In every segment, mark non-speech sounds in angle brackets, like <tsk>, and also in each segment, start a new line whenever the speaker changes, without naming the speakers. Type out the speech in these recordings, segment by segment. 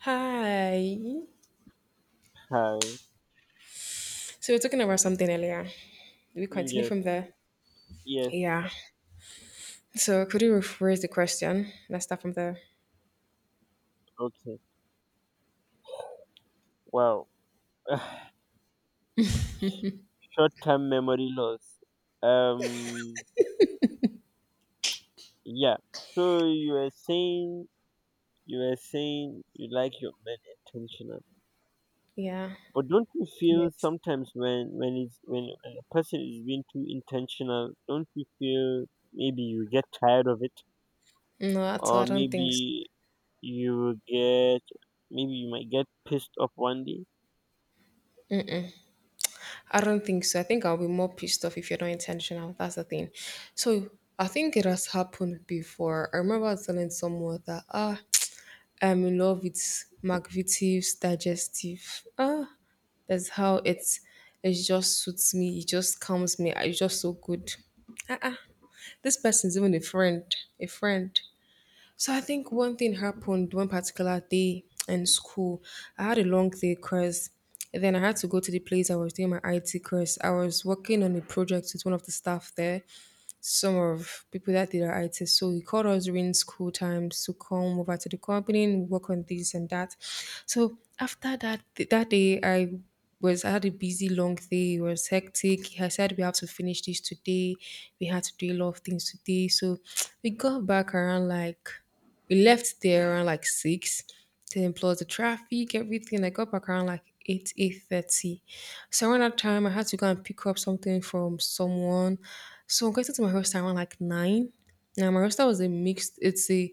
Hi.
Hi.
So we're talking about something earlier. Do we continue
Yes.
from there?
Yes.
Yeah. So could you rephrase the question? Let's start from there.
Okay. Wow. <sighs> Short-term memory loss. Um. Yeah. So you are saying you like your men intentional,
Yeah.
but don't you feel
Yes.
sometimes when a person is being too intentional, don't you feel maybe you get tired of it,
No, at all. I
or
don't think so.
you get maybe you might get pissed off one day.
I don't think so. I think I'll be more pissed off if you're not intentional. That's the thing. So I think it has happened before. I remember telling someone that <tsk> I'm in love with McVitie's digestive. That's how it's. It just suits me. It just calms me. It's just so good. Ah ah. This person's even a friend, a friend. So I think one thing happened one particular day in school. I had a long day because then I had to go to the place I was doing my IT course. I was working on a project with one of the staff there, some of people that did our IT. So he called us during school times to come over to the company and work on this and that. So after that day, I had a busy long day. It was hectic. I said we have to finish this today. We had to do a lot of things today. So <tsk> we got back around like. We left there around like six. Then plus the traffic, everything. I got back around like 8, 8:30. So around that time, I had to go and pick up something from someone. So I got to my hostel around like nine. Now my hostel was a mixed. It's a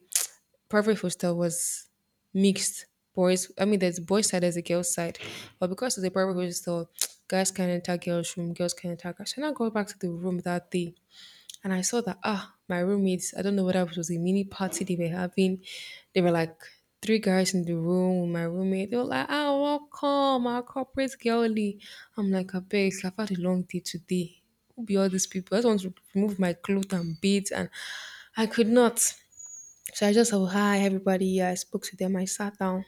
private hostel was mixed boys. I mean, there's boys side, there's a girls side, but because it's a private hostel, <tsk> guys can enter girls' room, girls can enter guys. And I go back to the room that day, and I saw that my roommates. I don't know whether it was a mini party they were having. They were like three guys in the room with my roommate. They were like, welcome, our corporate girlie. I'm like, I beg, I've had a long day today. Who be all these people? I just want to remove my clothes and beads, and I could not. So I just said, well, hi, everybody. Yeah, I spoke to them. I sat down.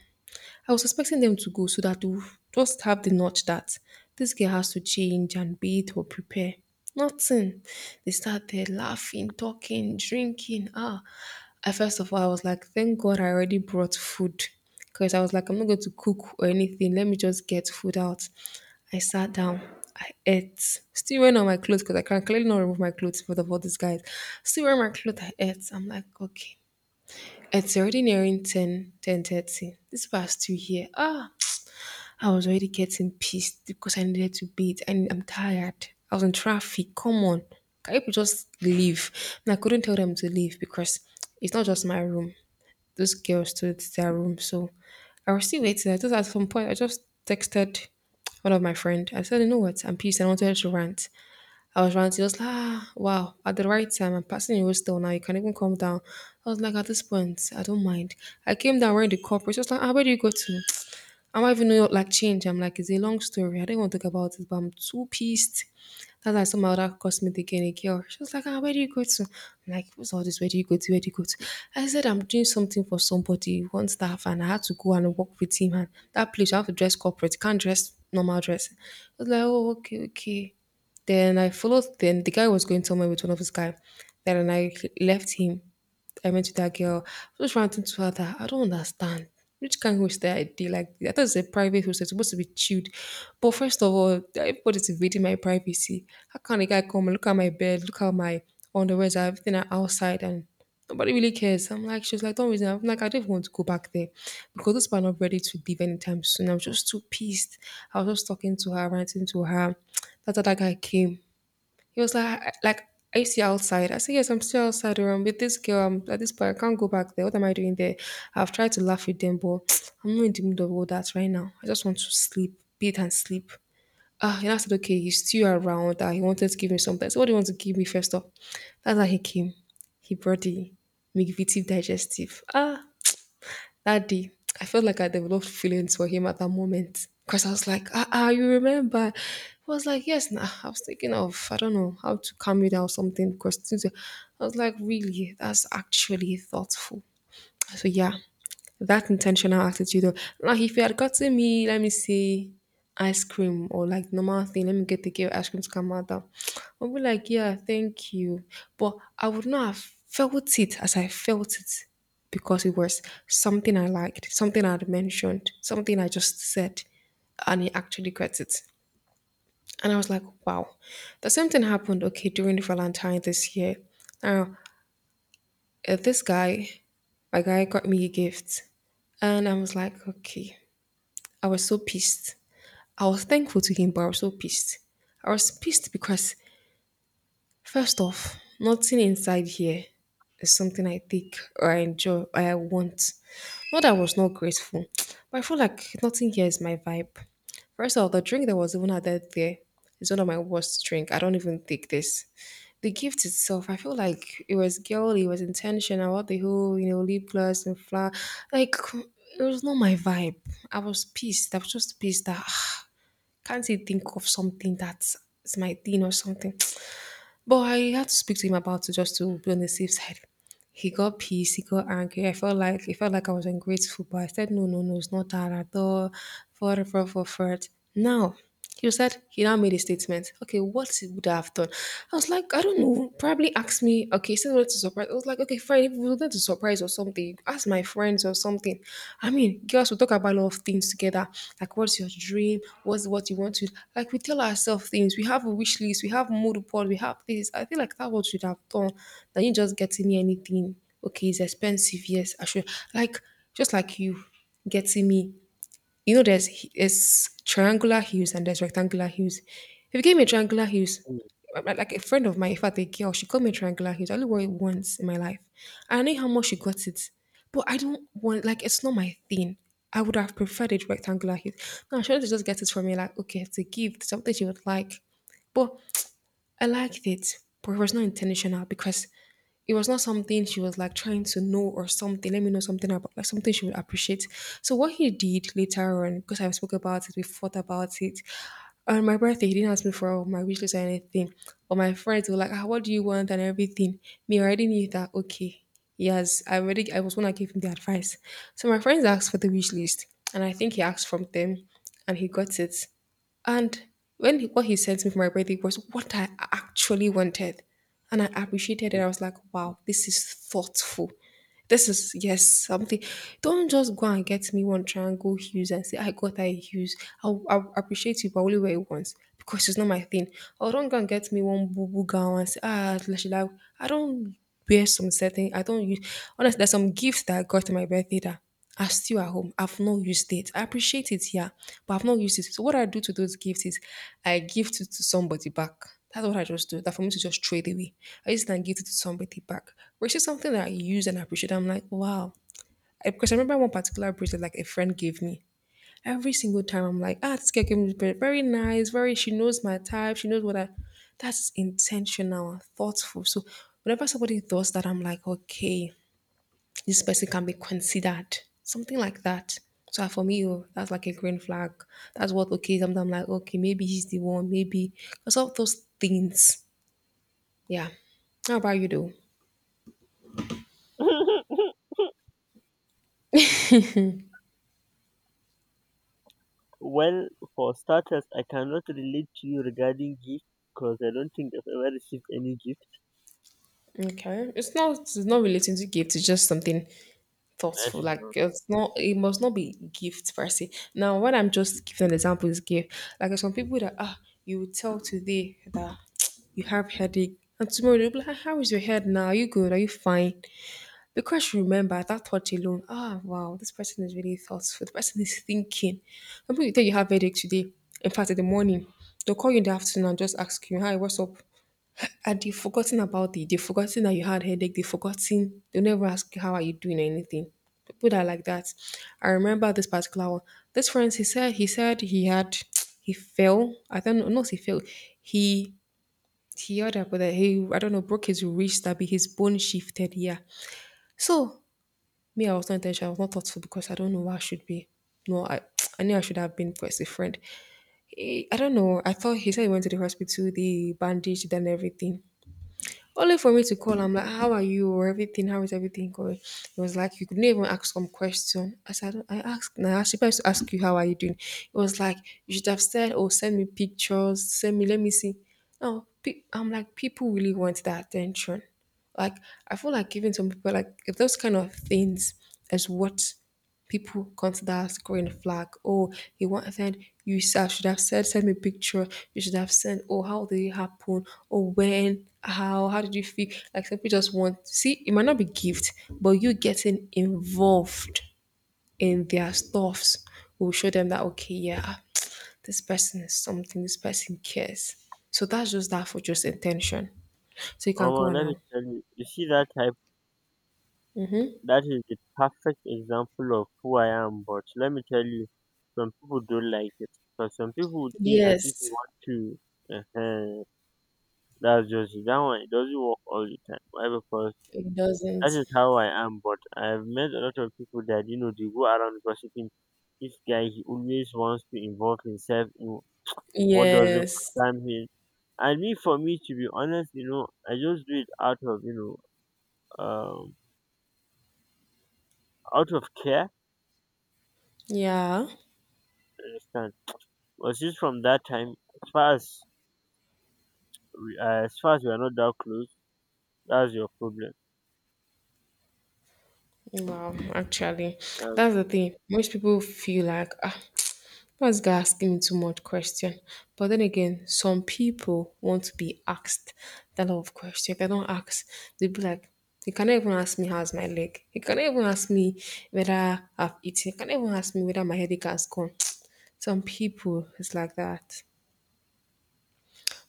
I was expecting them to go so that we just have the notch that this girl has to change and bathe or prepare. Nothing. They started laughing, talking, drinking. I first of all, I was like, thank God I already brought food. Because I was like, I'm not going to cook or anything. Let me just get food out. I sat down. I ate. Still wearing all my clothes because I can clearly not remove my clothes for the for these guys. Still wearing my clothes. I ate. I'm like, okay. It's already nearing 10, 10:30. This past two here, I was already getting pissed because I needed to bathe and I'm tired. I was in traffic. Come on. Can people just leave? And I couldn't tell them to leave because it's not just my room. Those girls too, it's their room. So I was still waiting. I just at some point I just texted one of my friend. I said, you know what? I'm pissed. I wanted to rant. I was running. She was like, wow, at the right time. I'm passing the road still now. You can even come down. I was like, at this point, I don't mind. I came down wearing the corporate. She was like, where do you go to? I don't even know like change. I'm like, it's a long story. I didn't want to talk about it, but I'm too pissed. That's why some other cosmetic and a girl. She was like, where do you go to? I'm like, what's all this? Where do you go to? Where do you go to? I said, I'm doing something for somebody, one staff, and I had to go and work with him. And that place, I have to dress corporate. You can't dress normal dress. I was like, oh, okay, okay. Then I followed. Then the guy was going somewhere with one of his guy. Then I left him. I went to that girl. I was just ranting to her that I don't understand. Which kind of hostel I did like that? I thought it's a private hostel, it's supposed to be chilled. But first of all, everybody's invading my privacy. How can a guy come and look at my bed, look at my underwear, everything are outside and nobody really cares. I'm like, she was like, don't reason. I'm like, I don't even want to go back there because those people are not ready to leave anytime soon. I'm just too pissed. I was just talking to her, ranting to her. That's how that guy came. He was like, like, are you still outside?" I said, yes, I'm still outside. Or I'm with this girl. I'm at this point. I can't go back there. What am I doing there? I've tried to laugh with them, but <tsk> I'm not in the mood of all that right now. I just want to sleep, beat and sleep. And I said, okay, he's still around. That he wanted to give me something. So what do you want to give me first off? That's how he came. He brought the McVitie digestive. That day, I felt like I developed feelings for him at that moment because I was like, you remember? He was like, yes, nah. I was thinking of, I don't know, how to calm you down or something because things were- I was like, really, that's actually thoughtful. So yeah, that intentional attitude of like if you had gotten me, let me say ice cream or like normal thing, let me get the girl ice cream to come out. I'll be like, yeah, thank you. But I would not have felt it as I felt it because it was something I liked, something I had mentioned, something I just said, and he actually gets it. And I was like, wow. The same thing happened, okay, during Valentine this year. Now, this guy, my guy got me a gift. And I was like, okay. I was so pissed. I was thankful to him, but I was so pissed. I was pissed because first off, nothing inside here is something I take or I enjoy or I want. Not that I was not grateful, <tsk> but I feel like nothing here is my vibe. First off, the drink that was even added there is one of my worst drink. I don't even take this. The gift itself, I feel like it was girly, it was intentional. What the whole, you know, lip gloss and flower, like it was not my vibe. I was pissed. I was just pissed that can't you think of something that's my thing or something? But I had to speak to him about it just to be on the safe side. He got pissed, he got angry. I felt like he felt like I was ungrateful, but I said no, no, no, it's not that at all. For it. Now he said he now made a statement. Okay, what he would have done? I was like, I don't know. Probably asked me. Okay, he said he wanted to surprise. I was like, okay, fine. If you wanted to surprise or something, ask my friends or something. I mean, girls will talk about a lot of things together. Like, what's your dream? What's what you want to? Like, we tell ourselves things. We have a wish list. We have mood board. We have this. I feel like that what should have done. That you just getting me anything. Okay, it's expensive. Yes, I should. Like, just like you getting me, you know, there's triangular hues and there's rectangular hues. If you gave me triangular hues,
Mm,
like a friend of mine, in fact, a girl, she got me triangular hues. I only wore it once in my life. And I know how much she got it, but I don't want like it's not my thing. I would have preferred it rectangular hues. No, she wanted to just get it for me, like okay, it's a gift, something she would like. But I liked it, but it was not intentional because it was not something she was like trying to know or something. Let me know something about like something she would appreciate. So what he did later on, because I spoke about it, we fought about it. On my birthday, he didn't ask me for my wish list or anything. But my friends were like, "What do you want?" and everything. Me I already knew that. Okay, yes, I already. I was when I gave him the advice. So my friends asked for the wish list, and I think he asked from them, and he got it. And when he, what he sent me for my birthday was what I actually wanted. And I appreciated it. I was like, wow, this is thoughtful. This is, yes, something. Don't just go and get me one triangle hues and say, I got that hues. I'll appreciate you, but only wear it once because it's not my thing. Or don't go and get me one boo boo gown and say, ah, should I don't wear some certain, I don't use, honestly, there's some gifts that I got to my birthday that are still at home. I've not used it. I appreciate it, yeah, but I've not used it. So what I do to those gifts is I gift it to somebody back. That's what I just do. That for me to just trade away. I just then give it to somebody back. Which is something that I use and appreciate. I'm like, wow. I- because I remember one particular bracelet like a friend gave me. Every single time I'm like, ah, this girl gave me this bracelet. Very nice. Very. She knows my type. She knows what I. That's intentional and thoughtful. So whenever somebody does that, I'm like, okay, this person can be considered, something like that. So for me, oh, that's like a green flag. That's what okay. Sometimes I'm like, okay, maybe he's the one, maybe because of those things. Yeah. How about you though?
mm. <laughs> Well, for starters, I cannot relate to you regarding gift because I don't think I've ever received any gift.
Okay, it's not relating to gift. It's just something
That
thoughtful.
is
Like
not.
it's not, it must not be gift per se. Now, what I'm just giving an example is gift. Like there's some people that ah you will tell today that you have headache, and tomorrow they'll be like, "Ah, how is your head now? Are you good? Are you fine?" Because she remembered that thought alone, ah, wow, this person is really thoughtful. The person is thinking. Some people tell you have headache today. In fact, in the morning, they'll call you in the afternoon and just ask you, hi, what's up? And they've forgotten about it. They've forgotten that you had headache. They've forgotten. They'll never ask you, how are you doing or anything. People that are like that. I remember this particular one. This friend, he said he had, <tsk> he fell. I don't know, not he fell. He, he heard about that. He, I don't know, broke his wrist, that be his bone shifted. Yeah. So me, I was not intentional. I was not thoughtful because I don't know where I should be. No, I, <tsk> I knew I should have been because a friend. Eh, I don't know. I thought he said he went to the hospital, they bandaged and everything. Only for me to call, I'm like, how are you or everything? How is everything going? It was like you couldn't even ask some question. I said, I asked now. I was supposed to ask you how are you doing. It was like you should have said, oh, send me pictures, send me, let me see. No, I'm like, people really want that attention. Like I feel like giving some people like if those kind of things is what people consider scoring a flag. Oh, you want to send I should have said send me picture. You should have sent oh how did it happen? Oh when how did you feel? Like some people just want see it might not be gift, but you getting involved in their stuffs will show them that okay, yeah, <tsk> this person is something, this person cares. So that's just that for just intention. So you can
Oh,
go on
let me
now.
tell you, you see that type, that is the perfect example of who I am. But let me tell you, some people don't like it, because some people would think as if you
Yes,
want to. Uh-huh, that's just it. That one. It doesn't work all the time. Why? Because
it doesn't.
that is how I am. But I've met a lot of people that they go around gossiping. This guy, he always wants to involve himself in what doesn't
Yes.
concern him. And me, for me, to be honest, I just do it out of, know, um, out of care.
Yeah.
You understand? But since from that time, as far as we are not that close, that's your problem.
Wow, actually,
Um,
that's the thing. Most people feel like, ah, <tsk> this guy asking me too much question. But then again, some people want to be asked that lot of question. If they don't ask, they'll be like, you cannot even ask me how's my leg. You cannot even ask me whether I've eaten. You cannot even ask me whether my headache has gone. <tsk> Some people it's like that.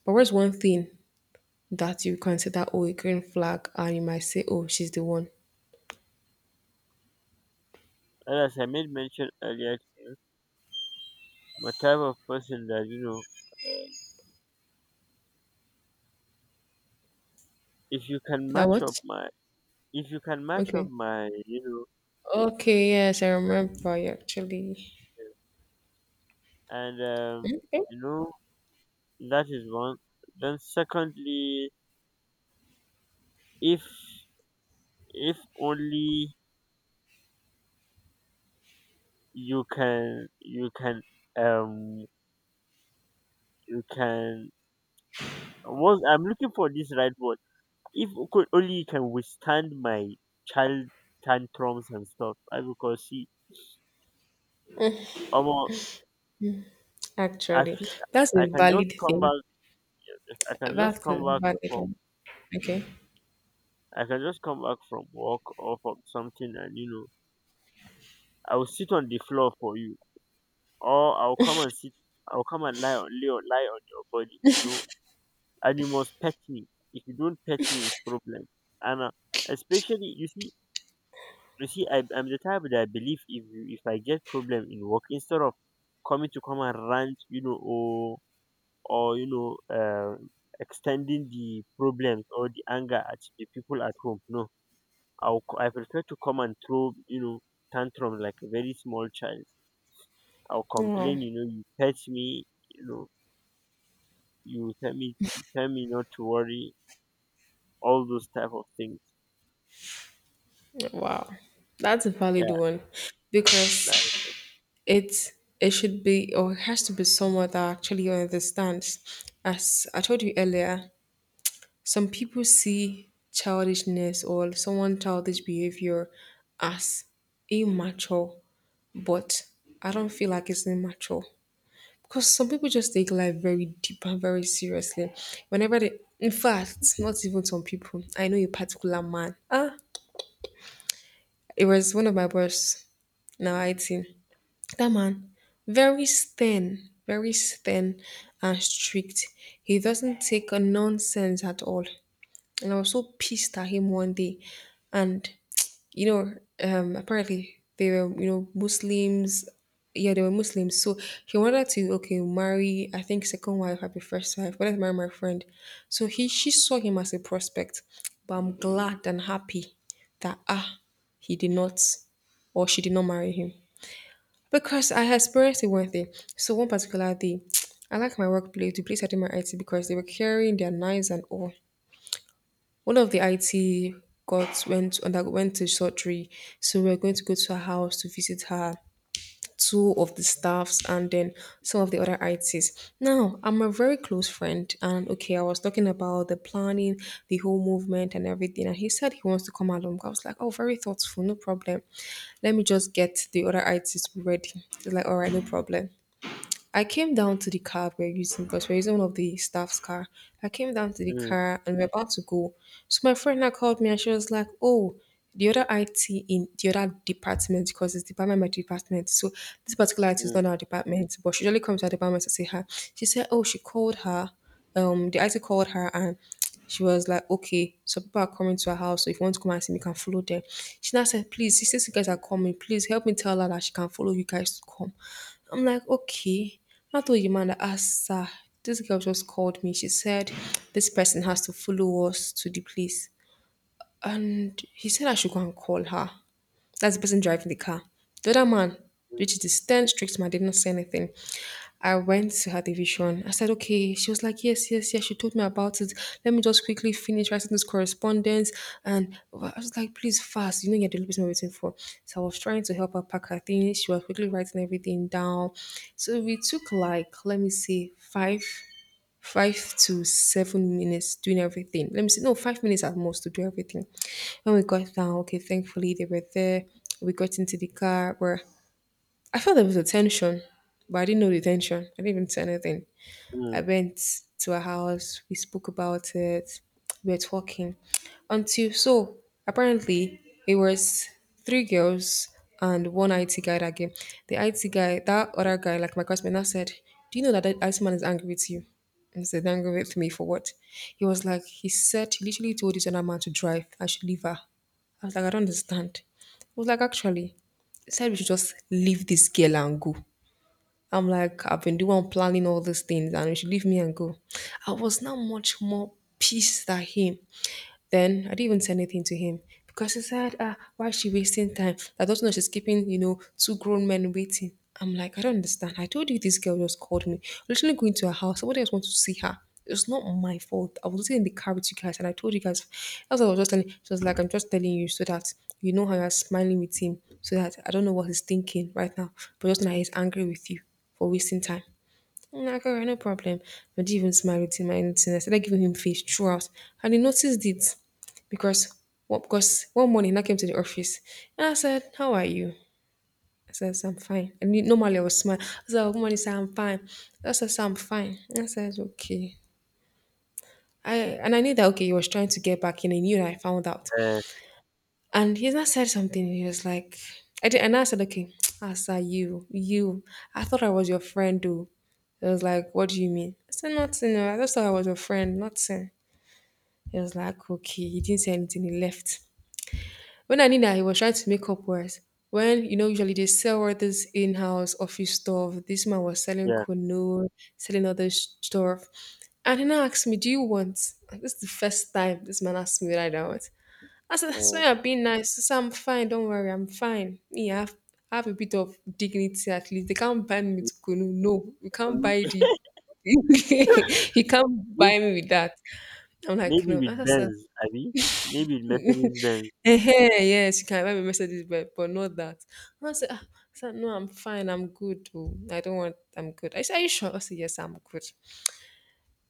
But what's one thing that you consider oh a green flag and you might say, oh, she's the one?
and as I made mention earlier, to you, I'm a type of person that, if you can
That
match up
what?
my, if you can match up
Okay.
my,
Okay, yes, I remember actually.
know, and
Okay.
you know that is one. Then secondly, if if only you can you can um you can. What I'm looking for, this right word. If o- could only you can withstand my child tantrums and stuff. I, because, see, almost I
Actually,
feel
that's a
I can just
valid
come
thing.
back I can just
That's a
come back
valid
from
one. Okay.
I can just come back from work or from something, and you know I will sit on the floor for you, or I'll come and lie on your body, you know. And you must pet me. If you don't pet me, it's problem. And Especially, you see, I'm the type that I believe if I get problem in work, instead of coming to come and rant, you know, or extending the problems or the anger at the people at home. No, I prefer to come and throw, you know, tantrum like a very small child. I'll
Oh,
complain, you know, you pet me, you know, you tell me not to worry, all those type of things.
wow. That's a valid
Yeah.
one because it's it should be or it has to be someone that actually understands. As I told you earlier, some people see childishness or someone childish behavior as immature, but I don't feel like it's immature. Because some people just take life very deep and very seriously. Whenever they, in fact, not even some people. I know a particular man. Ah, it was one of my boss. Now I think that man, very stern and strict. He doesn't take a nonsense at all. And I was so pissed at him one day, and you know, apparently they were, you know, Muslims. Yeah, they were Muslims. So he wanted to, okay, marry, I think, second wife, happy first wife, wanted to marry my friend. So he, she saw him as a prospect. But I'm glad and happy that, ah, he did not, or she did not marry him. Because I had experienced it one thing. So one particular day, <tsk> I like my workplace, the place I did my IT because they were carrying their knives and all. One of the IT got went underwent to surgery, so we're going to go to her house to visit her, two of the staffs, and then some of the other ITs. Now, I'm a very close friend, and okay, I was talking about the planning, the whole movement, and everything, and he said he wants to come along. I was like, oh, very thoughtful, no problem. Let me just get the other ITs ready. He's like, all right, no problem. I came down to the car we're using because we're using one of the staff's car. I came down to the
Mm,
car and we're about to go. So my friend now called me and she was like, "Oh, the other IT in the other department because it's department my department. So this particular IT is
mm,
not our department, but she usually comes to our department to see her. She said, "Oh, she called her." Um, the IT called her and she was like, okay, so people are coming to her house. So if you want to come and see me, you can follow them. She now said, please, since you guys are coming, please help me tell her that she can follow you guys to come. I'm like, okay. I told your man that, ah, sir, this girl just called me. She said, this person has to follow us to the place and he said I should go and call her. That's the person driving the car. The other man,
mm,
which is the stern, strict man, did not say anything. I went to her division. I said, okay. She was like, yes, yes, yes. She told me about it. Let me just quickly finish writing this correspondence. And I was like, please, fast. You know, you're the only person we're waiting for. So I was trying to help her pack her things. She was quickly writing everything down. So we took like, let me see, five to seven minutes doing everything. Let me see, no, 5 minutes at most to do everything. When we got down, okay, thankfully they were there. We got into the car where I felt there was a tension, but I didn't know the tension. I didn't even say anything.
mm.
I went to her house. We spoke about it. We were talking until so apparently it was 3 girls and one IT guy that came. The IT guy, that other guy, like my classmate, now said, "Do you know that IT man is angry with you?" And I said, "Angry with me for what?" He was like, he said he literally told this other man to drive. I should leave her. I was like, I don't understand. He was like, actually, he said we should just leave this girl and go. I'm like, I've been doing planning all these things and you should leave me and go. I was now much more pissed at him. Then I didn't even say anything to him because he said, ah, why is she wasting time? I don't know she's keeping, you know, 2 grown men waiting. I'm like, I don't understand. I told you this girl just called me. Literally going to her house. Somebody else wants to see her. It's not my fault. I was sitting in the car with you guys and I told you guys that's what I was just telling. She was like, "I'm just telling you so that you know how you're smiling with him, so that I don't know what he's thinking right now. But just now he's angry with you for wasting time." And I go, "No problem." But he even smiled at him and anything. I started giving him face throughout. And he noticed it because what because one morning I came to the office and I said, "How are you?" I said, "So I'm fine." And normally I was smile. I said, "Oh, good morning, sir, I'm fine." I said, "So I'm fine." And I said, "Okay." I and I knew that okay, he was trying to get back in. I knew that. I found out.
Uh,
And he just said something. He was like, I did, and I said, "Okay, <tsk> Asa, you. I thought I was your friend, though." He was like, "What do you mean?" I said, "Nothing. Oh, I just thought I was your friend, nothing." He was like, "Okay." He didn't say anything. He left. When I knew that, he was trying to make up words. When, you know, usually they sell all this in-house office stuff. This man was selling
yeah,
canoe, selling stuff. And he now asked me, "Do you want?" This is the first time this man asked me what I want. I said, "That's
uh,
why I'm being nice." She said, "I'm fine. Don't worry. I'm fine." Me, I have a bit of dignity at least. They can't buy me with Kunu. No, you can't buy
Colombia.
the. <laughs> You can't
<laughs> May-
buy me with that. I'm like,
maybe
"No."
with
I said,
Benz, Abi. Maybe with Mercedes Benz.
<laughs> eh, yes, you can buy me Mercedes, but not that. And I said, "Ah." I said, "No, I'm fine. I'm good. Oh, I don't want, I'm good." I said, "Are you sure?" I said, "Yes, I'm good."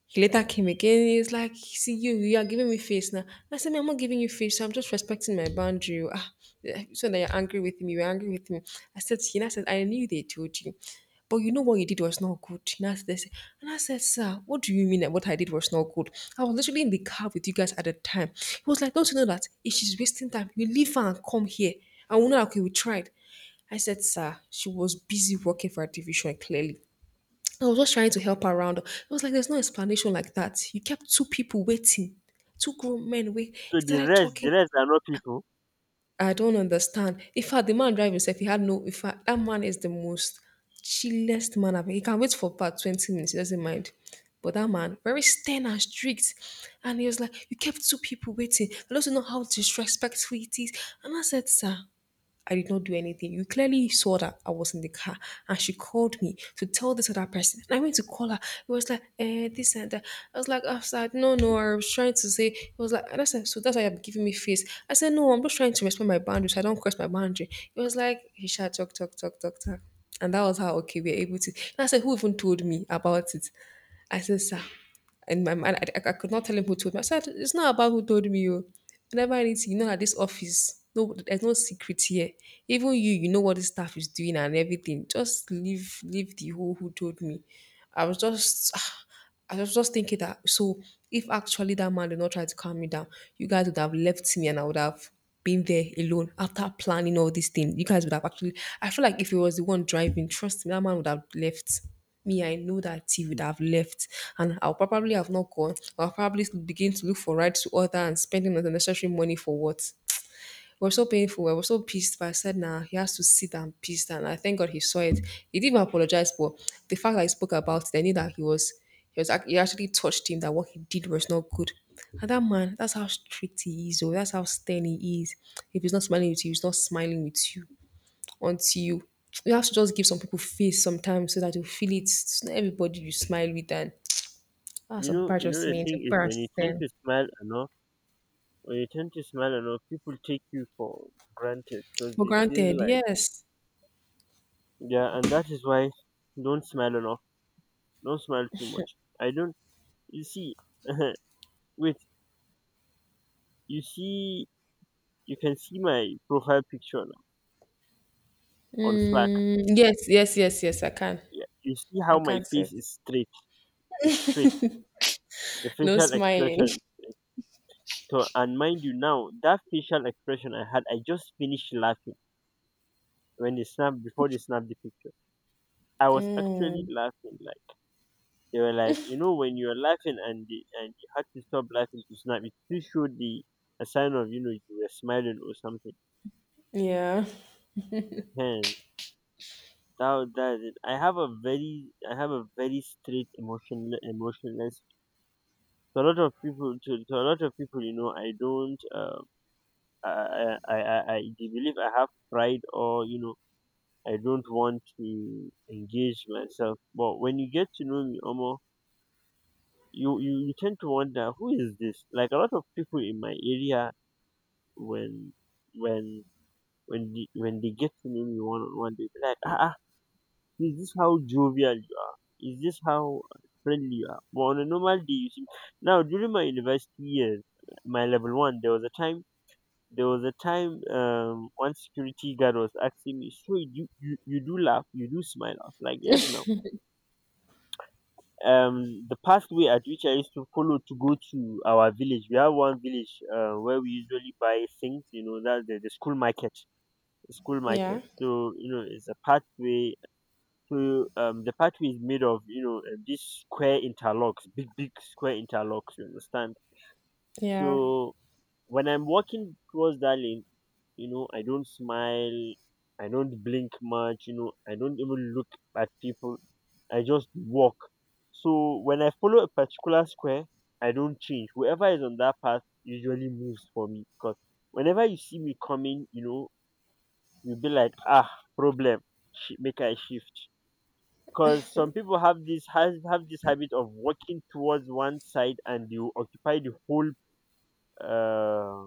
He later came again. He was like, "See, you are giving me face now." I said, "Me, I'm not giving you face. So I'm just respecting my boundary. Oh. Ah, yeah, so that you're angry with me, you're angry with me." I said, "He now said, I knew they told you, but you know what you did was not good." He now said, and I said, "Sir, what do you mean that what I did was not good? I was literally in the car with you guys at the time." He was like, "Don't you know that if she's wasting time, you leave her and come here. And we know, okay, we tried." I said, "Sir, she was busy working for her division, clearly. I was just trying to help her around." I was like, there's no explanation like that. You kept two people waiting, two grown men wait.
So the
Started
rest,
talking.
the rest are not people.
I don't understand. In fact, the man driving himself, he had no. In fact, that man is the most chillest man I've. He can wait for about 20 minutes. He doesn't mind. But that man, very stern and strict, and he was like, "You kept two people waiting. I don't know how disrespectful it is." And I said, "Sir." I did not do anything. You clearly saw that I was in the car and she called me to tell this other person. And I went to call her. It was like, eh, this and that. I was like, no, no, I was trying to say, it was like, and I said, "So that's why you're giving me face." I said, "No, I'm just trying to respect my boundaries. I don't cross my boundary." It was like, he shut talk, talk, talk, talk, talk. And that was how, okay, we are able to. And I said, "Who even told me about it?" I said, "Sir," in my mind, I could not tell him who told me. I said, "It's not about who told me. Oh. You. Whenever anything, you know, at this office, no, there's no secret here. Even you, you know what this staff is doing and everything. Just leave, leave the who told me." I was just, <sighs> I was just thinking that. So if actually that man did not try to calm me down, you guys would have left me and I would have been there alone after planning all these things. You guys would have actually. I feel like if it was the one driving, trust me, that man would have left me, I know that he would
Mm.
have left, and I'll probably have not gone. I'll probably begin to look for rights to other and spending unnecessary money for what. It was so painful. I was so pissed, but I said, "Nah, he has to sit and pissed." And I thank God he saw it. He didn't even apologize, but the fact that he spoke about it, I knew that he was, it actually touched him that what he did was not good. And that man, that's how strict he is, or that's how stern he is. If he's not smiling with you, he's not smiling with you until you have to just give some people face sometimes so that you feel it. It's not everybody you smile with, and ah,
You
some
know,
people are just
the
mean, some
thing is
people are
when you tend
stern.
to smile enough, people take you for granted because
For
they feel
granted,
like,
yes.
yeah. And that is why don't smile enough, don't smile too much. I don't. You see. <laughs> Wait, you see, you can see my profile picture now on Slack.
Mm, yes, yes, yes, yes, I can.
Yeah, you see
I
how my
can say it.
face is straight. The
No
facial
smiling.
expression.
<laughs>
So, and mind you, now that facial expression I had, I just finished laughing when they snapped before they snapped the picture. I was actually laughing. Like they were like, you know, when you're laughing and you had to stop laughing to snap, it still showed the a sign of, you were smiling or something.
Yeah.
And that is it. I have a very straight emotional emotionless. To a lot of people, to a lot of people, you know, I don't. I I I I they believe I have pride or, you know, I don't want to engage myself. But when you get to know me, Omo, you tend to wonder who is this. Like a lot of people in my area, when when when they get to know me one on one, they be like, ah, ah, is this how jovial you are? Is this how friendly you are? But on a normal day, you see. Now during my university years, my level one, There was a time, one security guard was asking me, "So you do laugh, you do smile." I was like, "Yes, now." The pathway at which I used to follow to go to our village, we have one village, where we usually buy things. You know, that's the school market. The school
Yeah.
market. So, you know, it's a pathway. So, the pathway is made of, these square interlocks, big big square interlocks. You understand?
Yeah.
So when I'm walking towards that lane, I don't smile, I don't blink much, I don't even look at people, I just walk. So when I follow a particular square, I don't change. Whoever is on that path usually moves for me because whenever you see me coming, you know, you'll be like, ah, problem, make I shift. Because some people have this has have this habit of walking towards one side and you occupy the whole, uh,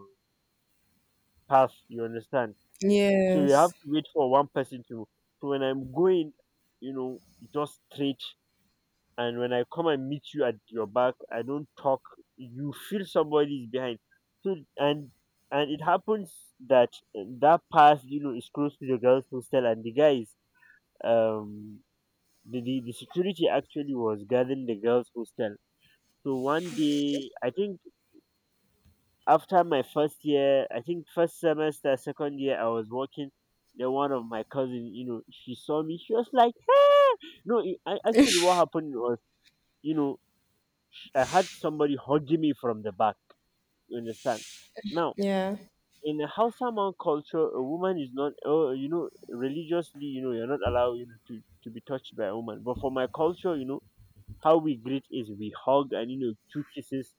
path. You understand? So you have
Yes.
to wait for one person to. So when I'm going, you know, just straight. And when I come and meet you at your back, I don't talk. You feel somebody is behind. So and it happens that that path, you know, is close to the girls' hostel, and the guys, um, the security actually was guarding the girls' hostel. So one day, I think after my first year, I think first semester, second year, I was working. Then one of my cousin, you know, she saw me. She was like, "Hey!" No, I, actually, what happened was, you know, I had somebody hugging me from the back. You understand? Now,
Yeah.
in the Hausa man culture, a woman is not, oh, you know, religiously, you know, you're not allowed, you know, to be touched by a woman. But for my culture, you know, how we greet is we hug and, you know, two kisses